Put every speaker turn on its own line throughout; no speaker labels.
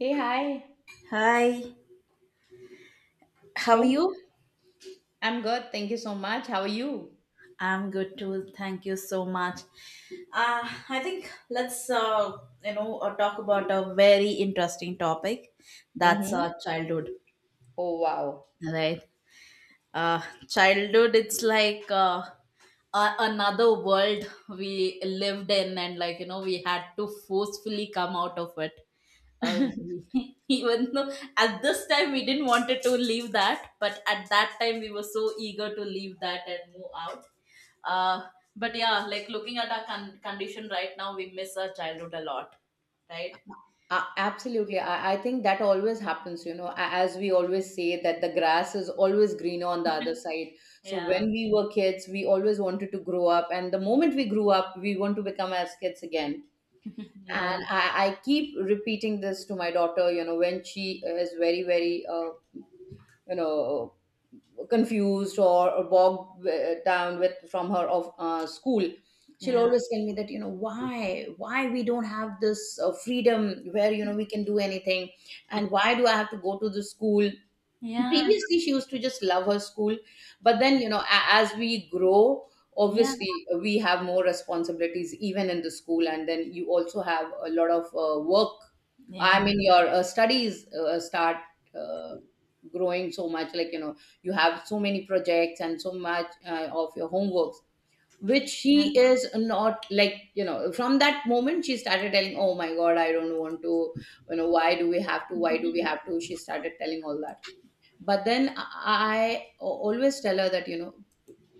Hey, hi.
Hi, how are
So
you?
I'm good. Thank you so much. How are you?
I'm good too. Thank you so much. I think let's talk about a very interesting topic. That's
Mm-hmm.
childhood,
Oh, wow.
right? uh, Childhood it's like another world we lived in and like you know we had to forcefully come out of it uh, even though at this time we didn't wanted to leave that but at that time we were so eager to leave that and move out uh, but yeah, like looking at our condition right now we miss our childhood a lot, right.
Absolutely. I think that always happens, as we always say that the grass is always greener on the other side. So when
Yeah.
we were kids, we always wanted to grow up. And the moment we grew up, we want to become as kids again. And
Yeah,
I keep repeating this to my daughter, when she is very, very, you know, confused, or bogged down with from her of school. She'll
yeah,
always tell me that, why we don't have this freedom where, we can do anything. And why do I have to go to the school?
yeah,
Previously, she used to just love her school. But then, as we grow,
yeah,
obviously, we have more responsibilities even in the school, and then you also have a lot of work. I mean, your studies start uh, growing so much, like, you have so many projects and so much of your homeworks, which she
yeah.
is not, like, from that moment she started telling, "Oh my god, I don't want to, why do we have to, why do we have to," she started telling all that. But then I always tell her that,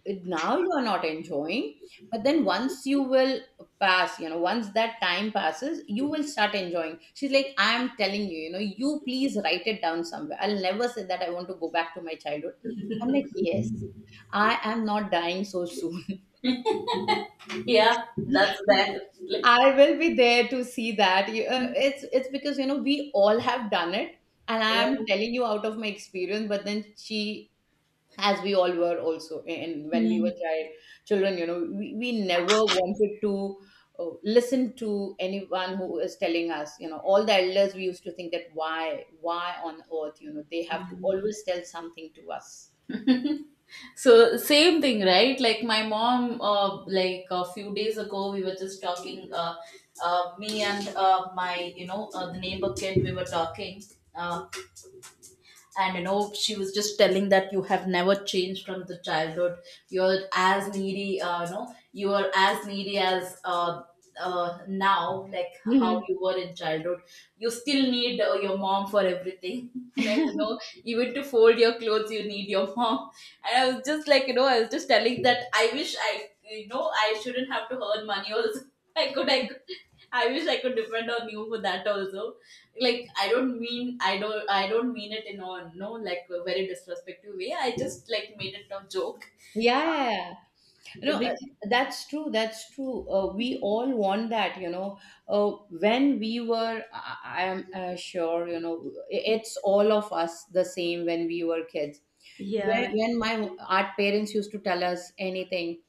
now you are not enjoying, but then once you will pass, once that time passes, you will start enjoying. She's like, "I am telling you, you know you please write it down somewhere, I'll never say that I want to go back to my childhood." I'm like, "Yes, I am not dying so soon."
Yeah, that's bad. Like,
I will be there to see that. It's because, we all have done it, and I am
yeah.
telling you out of my experience. But then she, as we all were also, and when we
Yeah.
were children, we never wanted to listen to anyone who is telling us, all the elders. We used to think that why on earth, they have to always tell something to us.
So same thing, right? Like my mom, like a few days ago, we were just talking. Me and my, you know, the neighbor kid, we were talking. Uh, and you know she was just telling that you have never changed from the childhood. You're as needy you know, you are as needy as now, like how
Mhm.
you were in childhood. You still need your mom for everything like you know, even to fold your clothes you need your mom. And I was just like you know, I was just telling that I wish I, you know, I shouldn't have to earn money also. I could, I wish I could depend on you for that also. Like I don't mean, I don't mean it in a no, like a very disrespectful way, I just like made it a joke.
Yeah. No,
Bec-
that's true. That's true. We all want that. When we I am sure, it's all of us the same when we were kids. When,
yeah,
when my art parents used to tell us anything,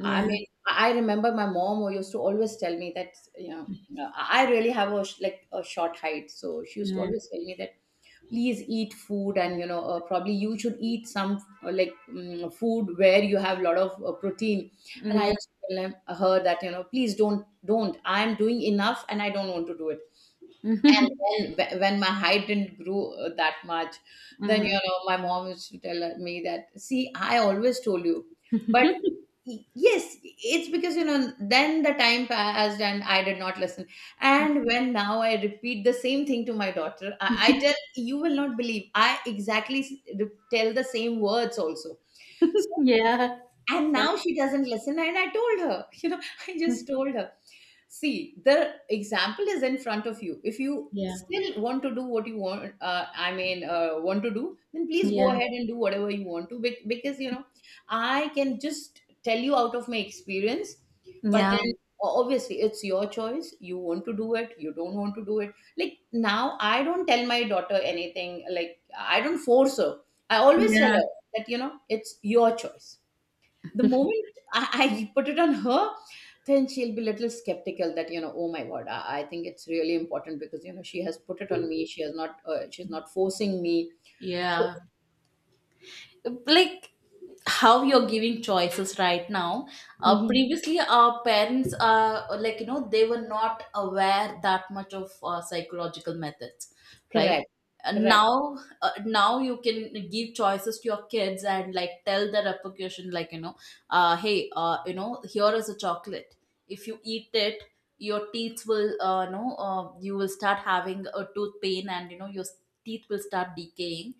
I mean, I remember my mom who used to always tell me that, I really have a like a short height, so she used to
yeah,
always tell me that please eat food, and, probably you should eat some like food where you have a lot of protein. And I
yeah.
used to tell her that, please don't, don't. I am doing enough and I don't want to do it. And then, when my height didn't grow that much, then,
Mhm.
my mom used to tell me that, "See, I always told you." But yes, it's because, then the time passed and I did not listen. And when now I repeat the same thing to my daughter, I tell you will not believe, I exactly tell the same words also.
Yeah,
And
yeah,
now she doesn't listen, and I told her, I just told her, "See, the example is in front of you. If you
yeah,
still want to do what you want, I mean, want to do, then please go
yeah,
ahead and do whatever you want to, because, I can just tell you out of my experience." But
yeah,
then, obviously, it's your choice. You want to do it, you don't want to do it. Like, now I don't tell my daughter anything. Like, I don't force her. I always tell
yeah.
her that, it's your choice. The moment I put it on her, then she'll be a little skeptical that, "Oh my god, I think it's really important, because, she has put it on me. She's not forcing me." So.
Yeah. Like how you're giving choices right now.
Mhm.
Previously our parents are like you know, they were not aware that much of psychological methods, right.
Correct,
And
correct,
now now you can give choices to your kids and like tell the repercussion, like you know, hey you know, here is a chocolate. If you eat it, your teeth will you know you will start having a tooth pain and you know your teeth will start decaying.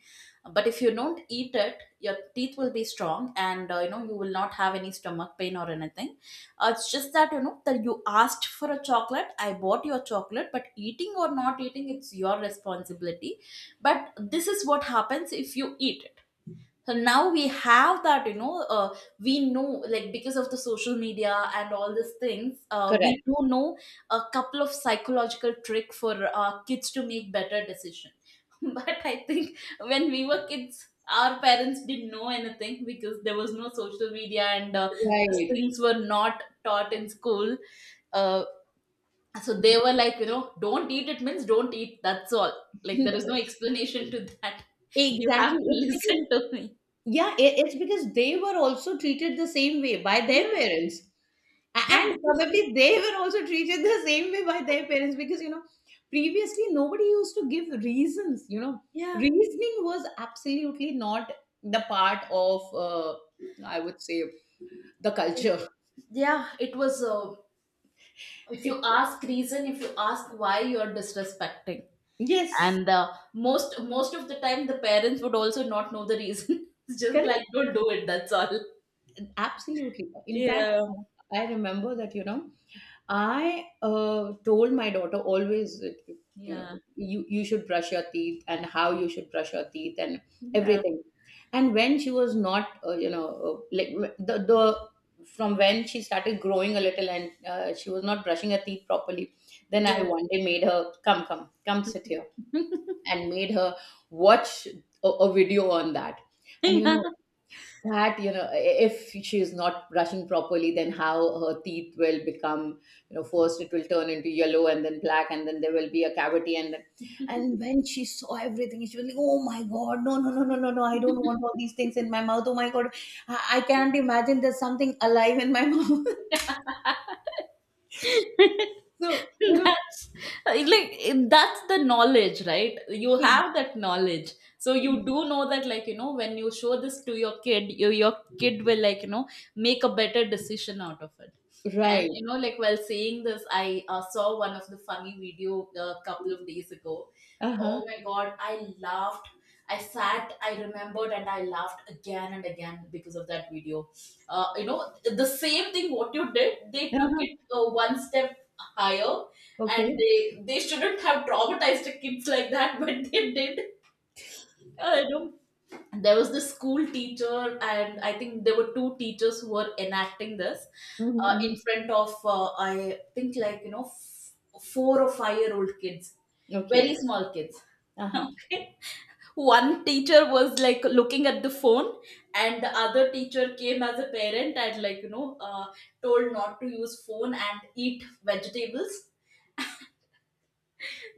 But if you don't eat it, your teeth will be strong and you know, you will not have any stomach pain or anything. It's just that you know, that you asked for a chocolate, I bought your chocolate, but eating or not eating, it's your responsibility. But this is what happens if you eat. So now we have that, you know, we know, like because of the social media and all these things, we
correct.
do know a couple of psychological trick for kids to make better decision. But I think when we were kids, our parents didn't know anything because there was no social media and these
Right.
things were not taught in school. uh, so they were like you know, don't eat it means don't eat, that's all. Like there is no explanation to that. You have
Exactly.
to
It's because,
listen to me.
yeah, it's because they were also treated the same way by their
Yeah.
parents. A-
Yeah,
And
because
probably they were also treated the same way by their parents because, previously nobody used to give reasons.
yeah,
Reasoning was absolutely not the part of, I would say, the culture.
yeah. It was. If you ask reason, if you ask why you are disrespecting,
Yes,
and most of the time the parents would also not know the reason. It's just like
correct.
don't do it. That's all.
Absolutely. In fact,
Yeah,
I remember that, I told my daughter always, that, you know,
yeah,
you should brush your teeth, and how you should brush your teeth, and
yeah,
everything. And when she was not, like, the, the, from when she started growing a little, and she was not brushing her teeth properly, then
yeah.
I one day made her come, come, come sit here, and made her watch a video on that. And, that, if she is not brushing properly, then how her teeth will become. First it will turn into yellow, and then black, and then there will be a cavity. And then,
Yeah.
and when she saw everything, she was like, "Oh my god, no, no, no, no, no, no, I don't want all these things in my mouth. Oh my god, I can't imagine there's something alive in my mouth."
That's
So,
like, that's the knowledge, right? You
it,
have that knowledge, so you
it-
do know that, like you know, when you show this to your kid, your kid will, like you know, make a better decision out of it. And
right.
you know, like while saying this, I saw one of the funny video a couple of days ago. Oh
Uh-huh.
my god, I laughed, I sat, I remembered and I laughed again and again because of that video. You know, the same thing what you did, they took it
Uh-huh.
one step higher,
Okay.
and they shouldn't have traumatized the kids like that, but they did. I know, there was this school teacher and I think there were two teachers who were enacting this
Mm-hmm.
in
Mm-hmm.
front of I think like you know, 4 or 5 year old kids, very
Okay.
small kids.
Uh-huh.
Okay, one teacher was like looking at the phone, and the other teacher came as a parent and like you know, told not to use phone and eat vegetables.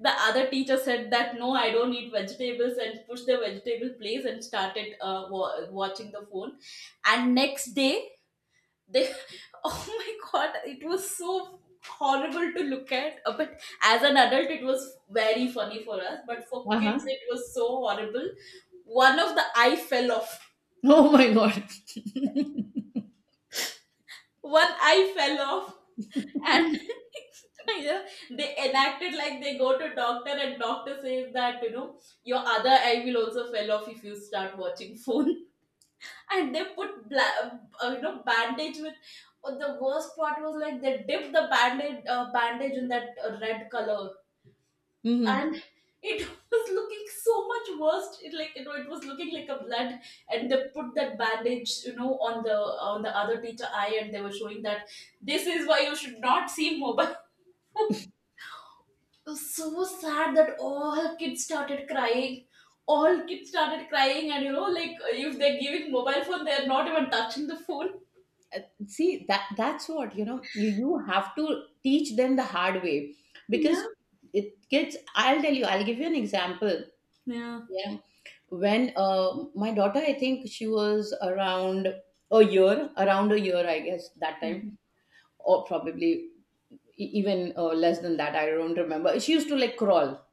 The other teacher said that no, I don't eat vegetables, and pushed the vegetable place and started watching the phone. And next day they oh my god, it was so horrible to look at. But as an adult it was very funny for us, but for kids
Uh-huh.
it was so horrible. One of the eye fell off,
Oh my god.
one eye fell off, and you know, they enacted like they go to doctor, and doctor says that you know, your other eye will also fell off if you start watching phone. And they put you know, bandage with the worst part was like they dipped the bandage, bandage in that red color.
Hmm.
And it was looking so much worse, it, like you know, it was looking like a blood. And they put that bandage, you know, on the, on the other teacher eye, and they were showing that this is why you should not see mobile. It was so sad that all kids started crying, all kids started crying. And you know, like if they're giving mobile phone, they're not even touching the phone.
See, that's what, you have to teach them the hard way,
Yeah.
because it gets I'll tell you, I'll give you an example.
Yeah.
Yeah. When my daughter, I think she was around a year, around a year, I guess, that time,
Mm-hmm.
or probably even less than that, I don't remember, she used to like crawl.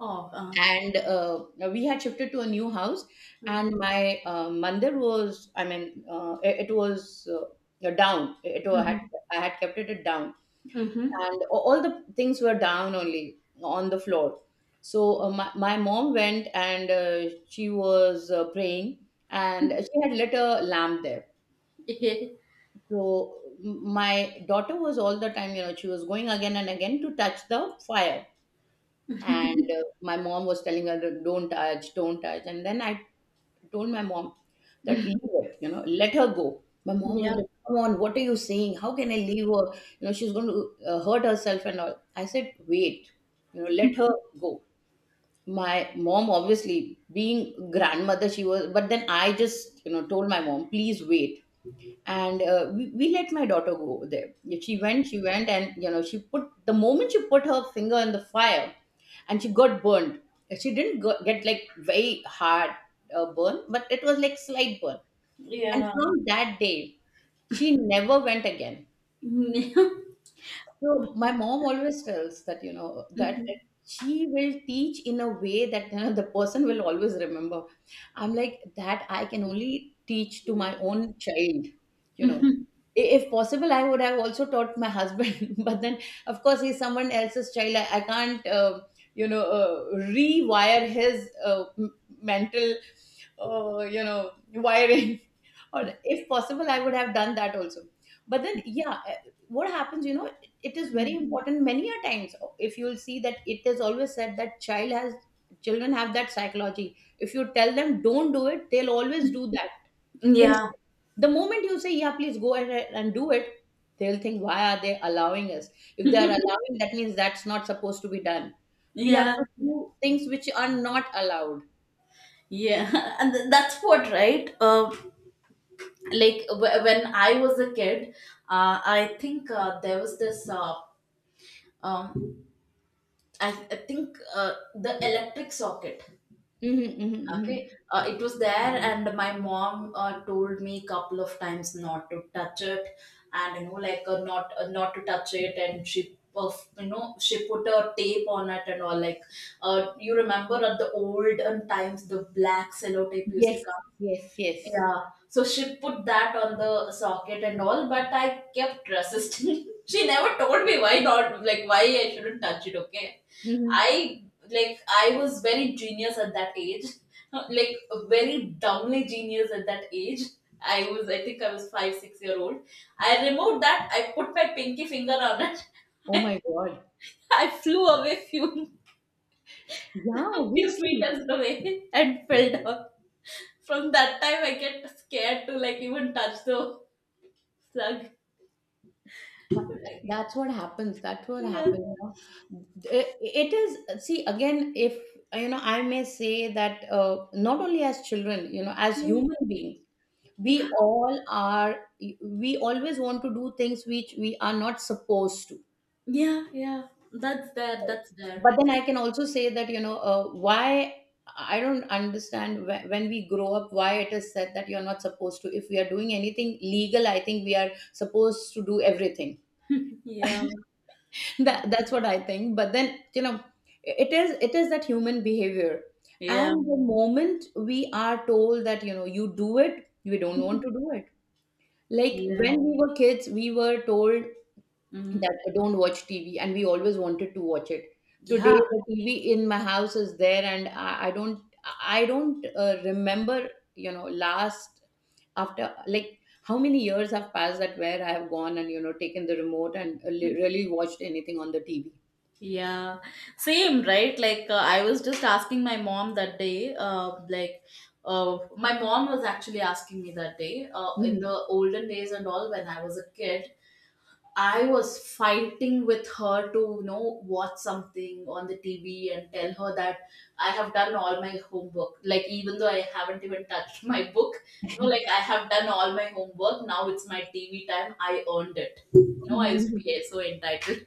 Oh
And we had shifted to a new house,
mhm.
and my mandir was, I mean, it was, down. I had
Mm-hmm.
I had kept it down,
Mm-hmm.
and all the things were down only, on the floor. So my mom went, and she was praying, and she had lit a lamp there. So my daughter was all the time, she was going again and again to touch the fire, and my mom was telling her, "Don't touch, don't touch." And then I told my mom that, "Leave it, let her go." My mom was
Yeah.
like, "Come on, what are you saying? How can I leave her? She's going to hurt herself and all." I said, "Wait, let her go." My mom, obviously, being grandmother, she was, but then I just, told my mom, "Please wait," and we let my daughter go there. Yeah, she went, and, she put the moment she put her finger in the fire, and she got burned. She didn't get, like, very hard burn, but it was like slight burn, and
Yeah.
from that day she never went again. So my mom always tells that, that she will teach in a way that, the person will always remember. I'm like, that I can only teach to my own child, you know.
Mhm.
If possible, I would have also taught my husband, but then, of course, he's someone else's child. I can't, rewire his mental, wiring. Or if possible, I would have done that also. But then, yeah, what happens, it is very
Mm.
important many a times. If you'll see, that it is always said that children have that psychology. If you tell them don't do it, they'll always do that. In
Yeah.
the moment you say yeah, please go ahead and do it, they'll think why are they allowing us. If they are allowing, that means that's not supposed to be done. We have
Yeah,
to do things which are not allowed.
yeah, and that's what, right? Like when I was a kid, I think there was this. Um, I think the electric socket.
Hmm, hmm, hmm.
Okay, it was there, and my mom told me a couple of times not to touch it, and you know, like not to touch it, and she. Of, you know, she put a tape on it and all. Like, you remember at the olden times, the black cello tape used to
Yes.
come.
Yes, yes.
Yeah. So she put that on the socket and all, but I kept resisting. She never told me why not, like why I shouldn't touch it. Okay.
Hmm.
I, like I was very genius at that age, like very dumbly genius at that age. I think I was 5 six year old. I removed that. I put my pinky finger on it.
Oh my God.
I flew away few
Yeah,
few
obviously.
meters away and fell down. From that time, I get scared to like even touch the slug.
That's what happens, that's what
Yeah,
happens. It, is, see again, if I may say that, not only as children, as
yeah,
human beings,
yeah,
we all are we always want to do things which we are not supposed to.
yeah, yeah. That's there. That's there.
But then I can also say that, why I don't understand, when we grow up, why it is said that you're not supposed to. If we are doing anything legal, I think we are supposed to do everything.
Yeah,
That that's what I think. But then, it is, that human behavior.
yeah,
And the moment we are told that, you do it, we don't want to do it. Like
yeah.
when we were kids, we were told
Mm.
that don't watch TV, and we always wanted to watch it.
Yeah.
Today the TV in my house is there, and I don't, remember, last, after like how many years have passed that where I have gone and taken the remote and really watched anything on the TV.
Yeah, same, right? Like, I was just asking my mom that day, like, my mom was actually asking me that day, in
Mhm.
the olden days and all, when I was a kid, I was fighting with her to, you know, watch something on the TV and tell her that I have done all my homework. Like, even though I haven't even touched my book, no, like, I have done all my homework. Now it's my TV time. I earned it. No, I used to
Mhm.
be so entitled.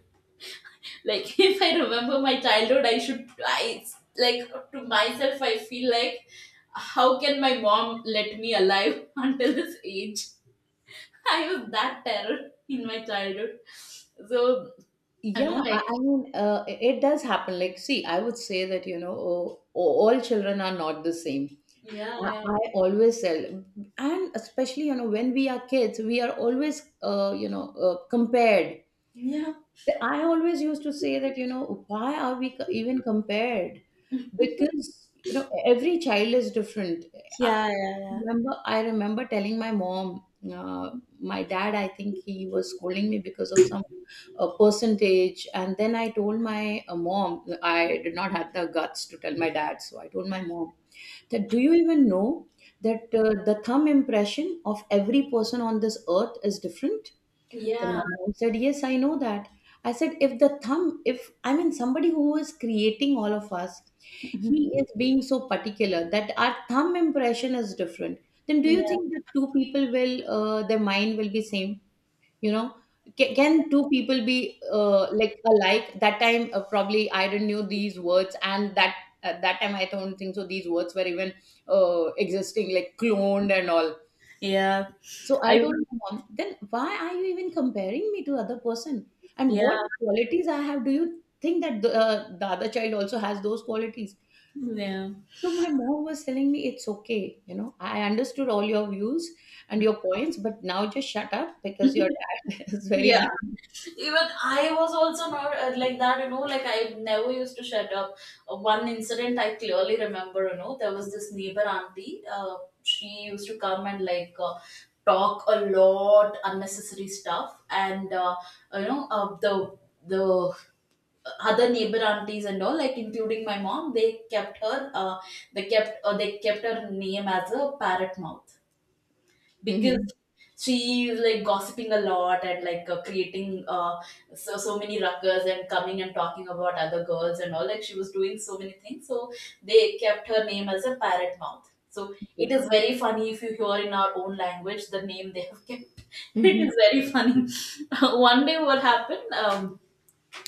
Like, if I remember my childhood, I should I like to myself I feel like how can my mom let me alive until this age? I was that terror in my childhood. So I know,
Yeah, I
like
I mean, it does happen. Like, see, I would say that, oh, all children are not the same.
yeah,
I,
yeah,
I always tell, and especially, when we are kids, we are always, compared.
yeah.
I always used to say that, why are we even compared? Because, every child is different. I
Yeah, yeah,
I remember telling my mom. Uh, my dad, I think he was scolding me because of some percentage. And then I told my mom. I did not have the guts to tell my dad. So I told my mom that, do you even know that the thumb impression of every person on this earth is different?
yeah.
The
Yeah.
man said, yes, I know that. I said, if the thumb, if I mean somebody who is creating all of us, he is being so particular that our thumb impression is different, then do you think that two people will, their mind will be same? You know, can two people be like alike? That time, probably I didn't know these words, and that at that time I don't think so. These words were even existing, like cloned and all.
Yeah. Yeah.
So I
I
told my mom, then why are you even comparing me to other person? And what
Yeah.
qualities I have? Do you think that the other child also has those qualities?
Yeah.
So my mom was telling me, it's okay. I understood all your views and your points, but now just shut up because your dad is very
Yeah.
angry.
Even I was also not like that, you know, like I never used to shut up. One incident I clearly remember, you know, there was this neighbor auntie, she used to come and like talk a lot unnecessary stuff and you know uh, the the other neighbor aunties and all, like including my mom, they kept her name as a parrot mouth, because
Mm-hmm.
she is like gossiping a lot and like creating so many ruckus and coming and talking about other girls and all, like she was doing so many things. So they kept her name as a parrot mouth. So it
Okay.
is very funny if you hear in our own language the name they have kept. It
Mm-hmm.
is very funny. One day, what happened?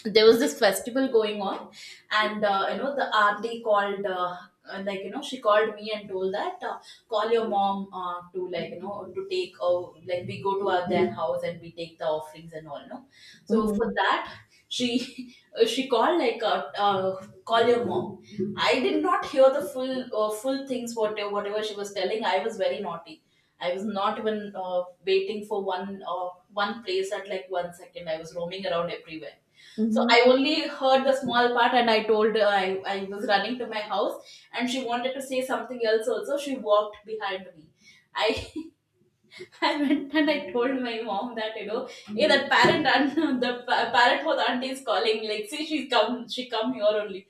There was this festival going on, and you know, the auntie called like you know, she called me and told that, call your mom to, like you know, to take, like we go to our their house and we take the offerings and all, no? So for
Mm-hmm.
that, she she called like call your mom. I did not hear the full things, whatever she was telling. I was very naughty. I was not even waiting for one place at like one second. I was roaming around everywhere. So
Mm-hmm.
I only heard the small part, and I told her, I was running to my house, and she wanted to say something else. Also, she walked behind me. I I went and I told my mom that, you know, hey, that parent aunt, parent house auntie is calling. Like, see, she's come, she come here only.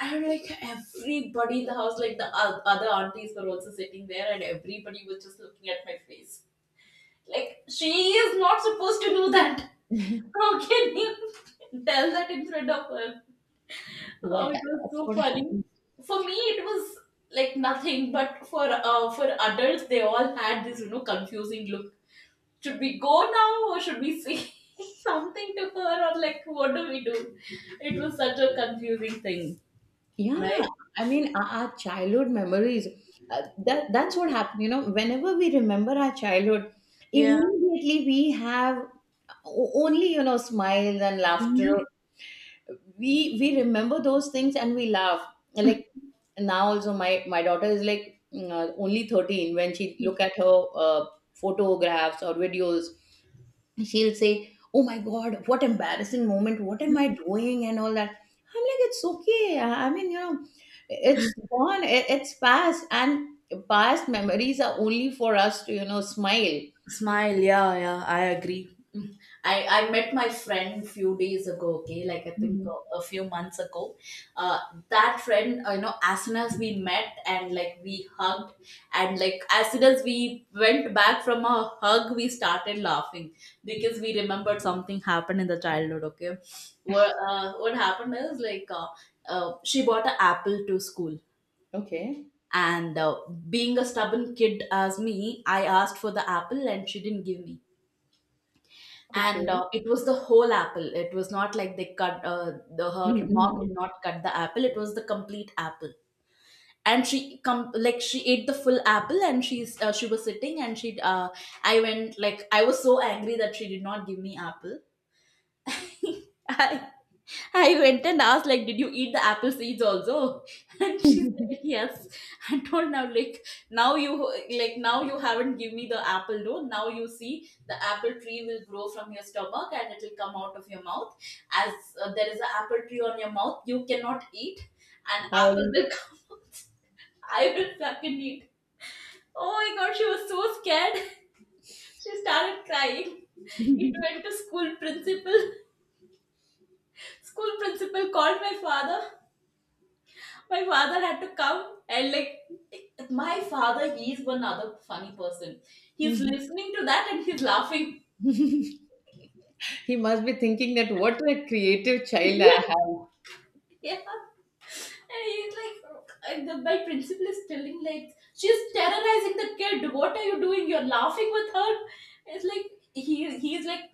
And like everybody in the house, like other aunties were also sitting there, and everybody was just looking at my face. Like, she is not supposed to do that. How can you tell that in front of her? Oh,
Yeah,
it was
that's
so
what
funny.
happened.
For me, it was like nothing, but for adults, they all had this, you know, confusing look. Should we go now or should we say something to her, or like what do we do? It was such a confusing thing,
Yeah,
right?
I mean, our childhood memories, that's what happened. You know, whenever we remember our childhood,
Yeah.
immediately we have only, smiles and laughter.
Yeah.
We remember those things and we laugh. Like now also, my daughter is like, only 13 when she look at her photographs or videos, she'll say, "Oh my God, what embarrassing moment. What am I doing?" And all that. I'm like, it's okay. I mean, it's gone. It's past. And past memories are only for us to, smile.
Smile, yeah, yeah, I agree. Mm. I met my friend few days ago, okay, like I think
Mhm.
a few months ago. Uh, that friend, you know, as soon as we met and like we hugged, and like as soon as we went back from a hug, we started laughing because we remembered something happened in the childhood, okay. What happened is like, she bought an apple to school.
Okay.
And being a stubborn kid as me, I asked for the apple and she didn't give me. And
Okay.
it was the whole apple. It was not like they cut, the her mom did
Mhm,
not cut the apple, it was the complete apple. And she come, like she ate the full apple, and she was sitting and she I went. Like, I was so angry that she did not give me apple. I I went and asked, like, did you eat the apple seeds also? And she
mhm.
said, yes. I told now, like, now you haven't give me the apple, no. Now you see, the apple tree will grow from your stomach and it will come out of your mouth. As There is an apple tree on your mouth, you cannot eat. And apple will come out. I will fucking eat. Oh my God, she was so scared. She started crying. It went to school principal. School principal called my father. My father had to come, and like my father, he is one other funny person. He's listening to that and he's laughing.
He must be thinking that what a creative child I have.
Yeah. And he's like, my principal is telling, like, she's terrorizing the kid, what are you doing, you're laughing with her? It's like, he's like,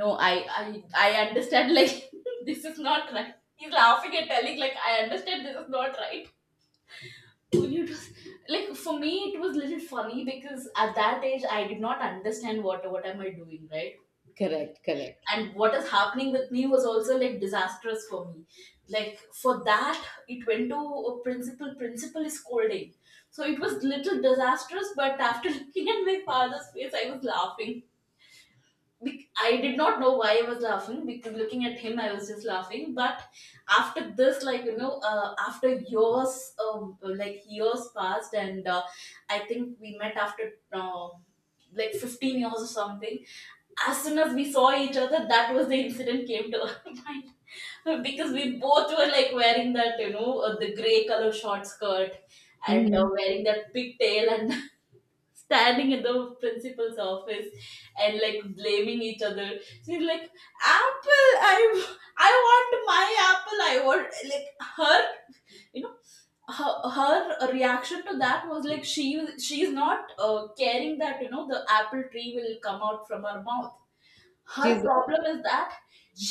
no, I understand, like, this is not right. He's laughing and telling, like, I understand this is not right. It was, like, for me it was little funny because at that age I did not understand what am I doing, right?
Correct, correct.
And what is happening with me was also like disastrous for me. Like, for that, it went to a principal. Principal is scolding. So it was little disastrous, but after looking at my father's face I was laughing. I did not know why I was laughing, because looking at him, I was just laughing. But after this, like you know, after years, like years passed. And I think we met after like 15 years or something. As soon as we saw each other, that was the incident came to our mind, because we both were like wearing that, you know, the gray color short skirt, and
Mhm.
wearing that pigtail, and standing in the principal's office, and like blaming each other. She's like, "Apple, I want my apple. I want like her, you know." Her reaction to that was like she's not caring that, you know, the apple tree will come out from her mouth. Her
She's
problem is that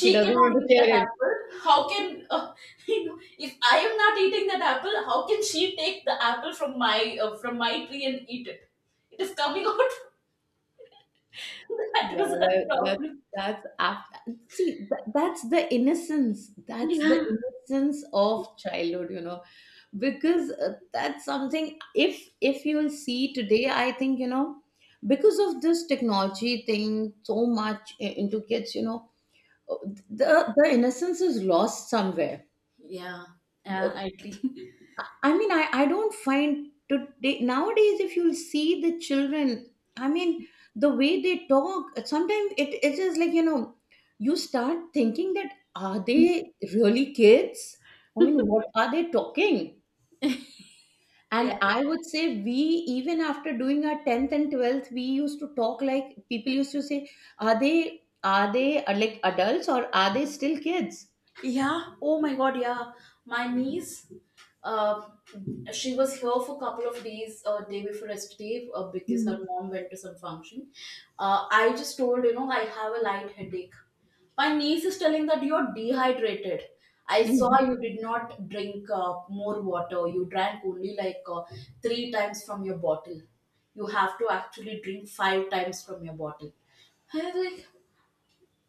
she doesn't want
cannot
to
eat that
share it.
apple. How can you know, if I am not eating that apple, how can she take the apple from my tree and eat it? It is coming out. That
Yeah,
was her problem.
that's after. See, that's the innocence. That's the
Yeah.
innocence of childhood, you know, because that's something. If you will see today, I think, because of this technology thing, so much into kids, uh, the innocence is lost somewhere.
Yeah. Yeah, I agree.
I mean, I don't find today nowadays, if you see the children, I mean, the way they talk, sometimes it is like, you know, you start thinking that are they really kids? I mean, what are they talking?
Yeah.
And I would say, we even after doing our 10th and 12th, we used to talk like people used to say, are they like adults, or are they still kids?
Yeah. Oh my God. Yeah. My niece, uh, she was here for a couple of days, day before yesterday, because her
Mhm.
mom went to some function. I just told, you know, I have a light headache. My niece is telling that you're dehydrated. I saw
Mhm.
you did not drink more water. You drank only like, three times from your bottle. You have to actually drink five times from your bottle. I was like,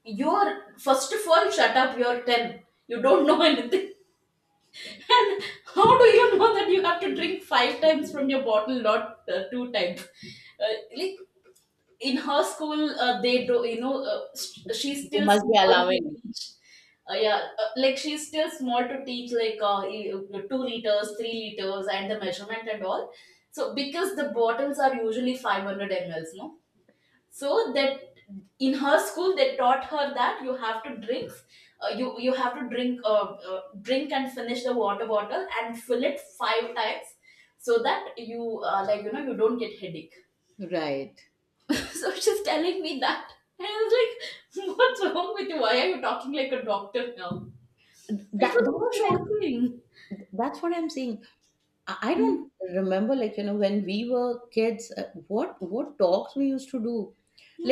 you're, first of all, shut up. You're 10. You don't know anything. And how do you know that you have to drink five times from your bottle, not two times? Like in her school, they do, you know, she's
They
still
must be
small to
allowing.
teach. Yeah, like she's still small to teach, like, 2 liters, 3 liters, and the measurement and all. So, because the bottles are usually 500 mls, no? So that in her school, they taught her that you have to drink you have to drink, drink and finish the water bottle and fill it five times, so that you, like you know, you don't get headache.
Right.
So she's telling me that, and I was like, what's wrong with you, why are you talking like a doctor now?
That,
It
that's
was
what
so
I'm
shocking.
that's what I'm saying. I don't remember, like when we were kids, what talks we used to do.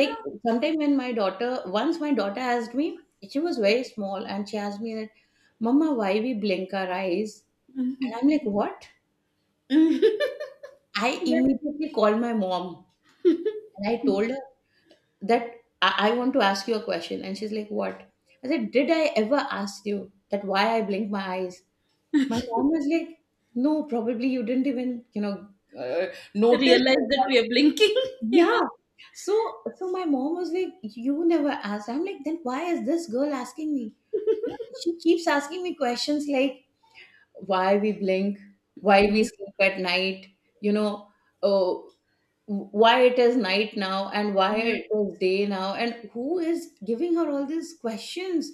Like sometime when my daughter once my daughter asked me, she was very small, and she asked me that, mama, why we blink our eyes? And I'm like, what?
Yeah.
I
Yeah.
immediately called my mom and I told her that, I want to ask you a question. And she's like, what? I said, did I ever ask you that why I blink my eyes? My mom was like, "No, probably you didn't even, uh,
Realize that
notice."
we are blinking.
Yeah.
Yeah.
So, so my mom was like, "You never asked." I'm like, "Then why is this girl asking me?" You know, she keeps asking me questions like, "Why we blink? Why we
Yeah,
sleep at night? You know, oh, why it is night now and why
yeah.
it is day now?" And who is giving her all these questions?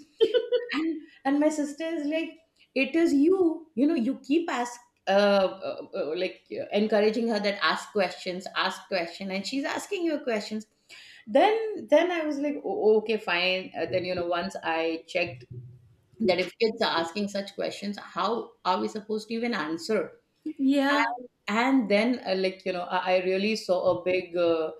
And my sister is like, it is you, you know, you keep ask like encouraging her that ask questions, ask question, and she's asking you questions. Then I was like, oh, okay fine, then once I checked that if kids are asking such questions, how are we supposed to even answer?
Yeah.
and and then, like I really saw a big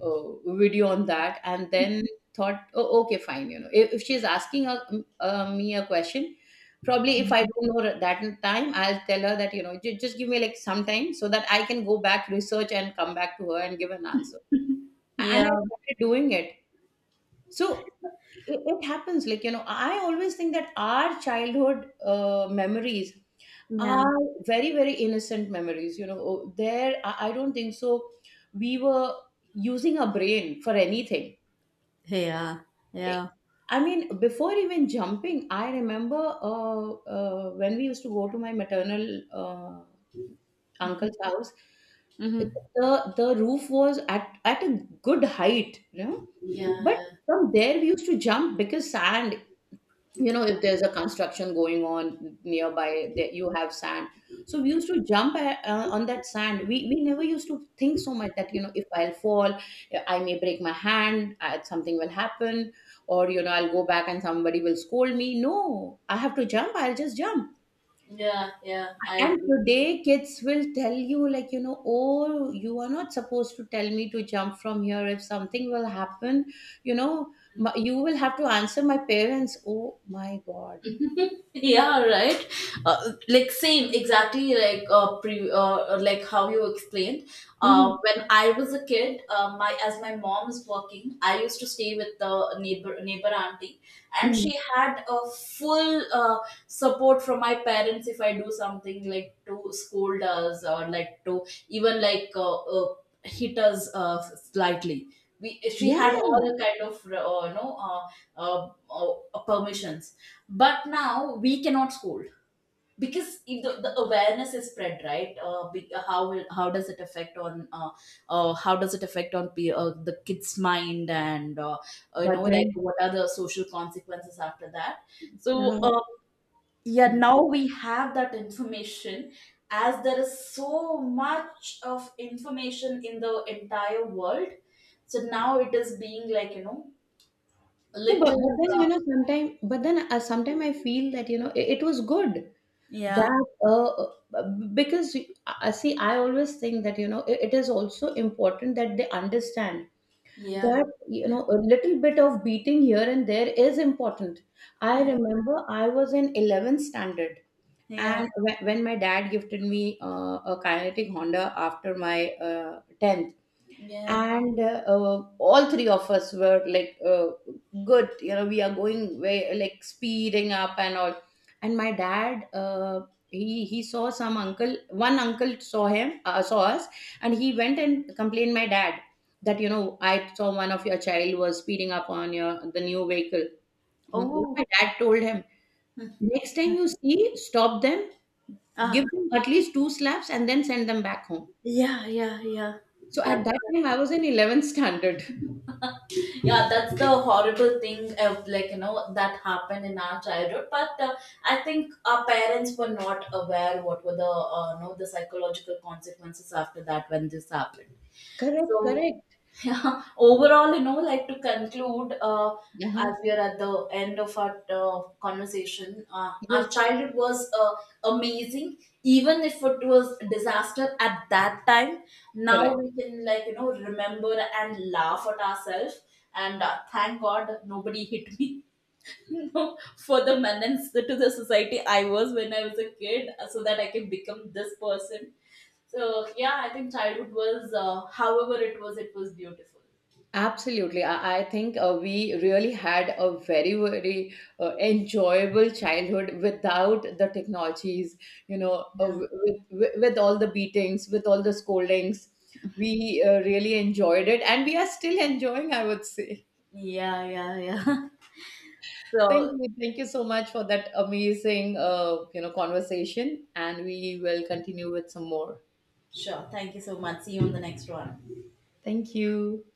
uh, video on that, and then thought, oh, okay fine, if she's asking me a question, probably if I don't know that in time, I'll tell her that, just give me like some time so that I can go back, research, and come back to her and give an answer. And
Yeah.
I started doing it. So it happens, like I always think that our childhood memories
Yeah.
are very, very innocent memories. You know, oh there, I don't think so we were using our brain for anything.
Yeah.
I
Yeah.
I mean, before even jumping, I remember when we used to go to my maternal uh, uncle's house,
Mhm.
the roof was at a good height, you know.
Yeah,
But
yeah,
from there, we used to jump, because sand, you know, if there's a construction going on nearby that you have sand, so we used to jump on that sand. We never used to think so much that, if I'll fall, I may break my hand, something will happen, or I'll go back and somebody will scold me. No, I have to jump, I'll just jump.
yeah, yeah, I
And
agree.
today kids will tell you, like oh, you are not supposed to tell me to jump from here. If something will happen, you know you will have to answer my parents, oh my God.
Yeah. Right. Like same exactly, like like how you explained. When I was a kid, my, as my mom is working, I used to stay with the neighbor auntie. And
Mm.
she had a full support from my parents if I do something, like to scold us or like to even, like hit us slightly. We She
Yeah,
had all kind of, you know uh, uh, permissions. But now we cannot scold, because if the awareness is spread, right? How does it affect on, how does it affect on pe- the kids mind, and, you know,
but
like,
then,
what are the social consequences after that? So,
yeah.
yeah, now we have that information. As there is so much of information in the entire world, so now it is being, like you know,
No, but
little,
then sometime, but then sometime I feel that, it was good
yeah.
that, because, see, I always think that, it is also important that they understand
Yeah.
that,
Yeah.
a little bit of beating here and there is important. I remember I was in 11th standard,
Yeah.
and when my dad gifted me a Kinetic Honda after my 10th,
Yeah.
and all three of us were like, good, we are going way like speeding up and all. And my dad, he saw some uncle, one uncle saw him, saw us, and he went and complained my dad that, I saw one of your child was speeding up on your the new vehicle. Hmm. What my
Oh,
dad told him: next time you see, stop them, give
ah,
them at least two slaps, and then send them back home.
yeah, yeah, yeah.
So at
That,
that time I was in 11th standard.
yeah, that's the horrible thing of, like you know, that happened in our childhood. But I think our parents were not aware what were the, you know, the psychological consequences after that, when this happened. So,
Correct, correct.
yeah, overall, you know, like to conclude, as
Uh-huh.
we are at the end of our conversation, our
Yes,
childhood was, amazing, even if it was disaster at that time. Now
correct.
we can, like, you know, remember and laugh at ourselves. And thank God nobody hit me. No, for the menace to the society I was when I was a kid, so that I can become this person. So yeah, I think childhood was, however it was beautiful.
Absolutely. I think we really had a very, very enjoyable childhood without the technologies,
Yeah,
with all the beatings, with all the scoldings. We really enjoyed it and we are still enjoying, I would say.
yeah, yeah. Yeah.
Thank
So
you. Thank you so much for that amazing, conversation. And we will continue with some more.
sure. Thank you so much. See you on the next one.
Thank you.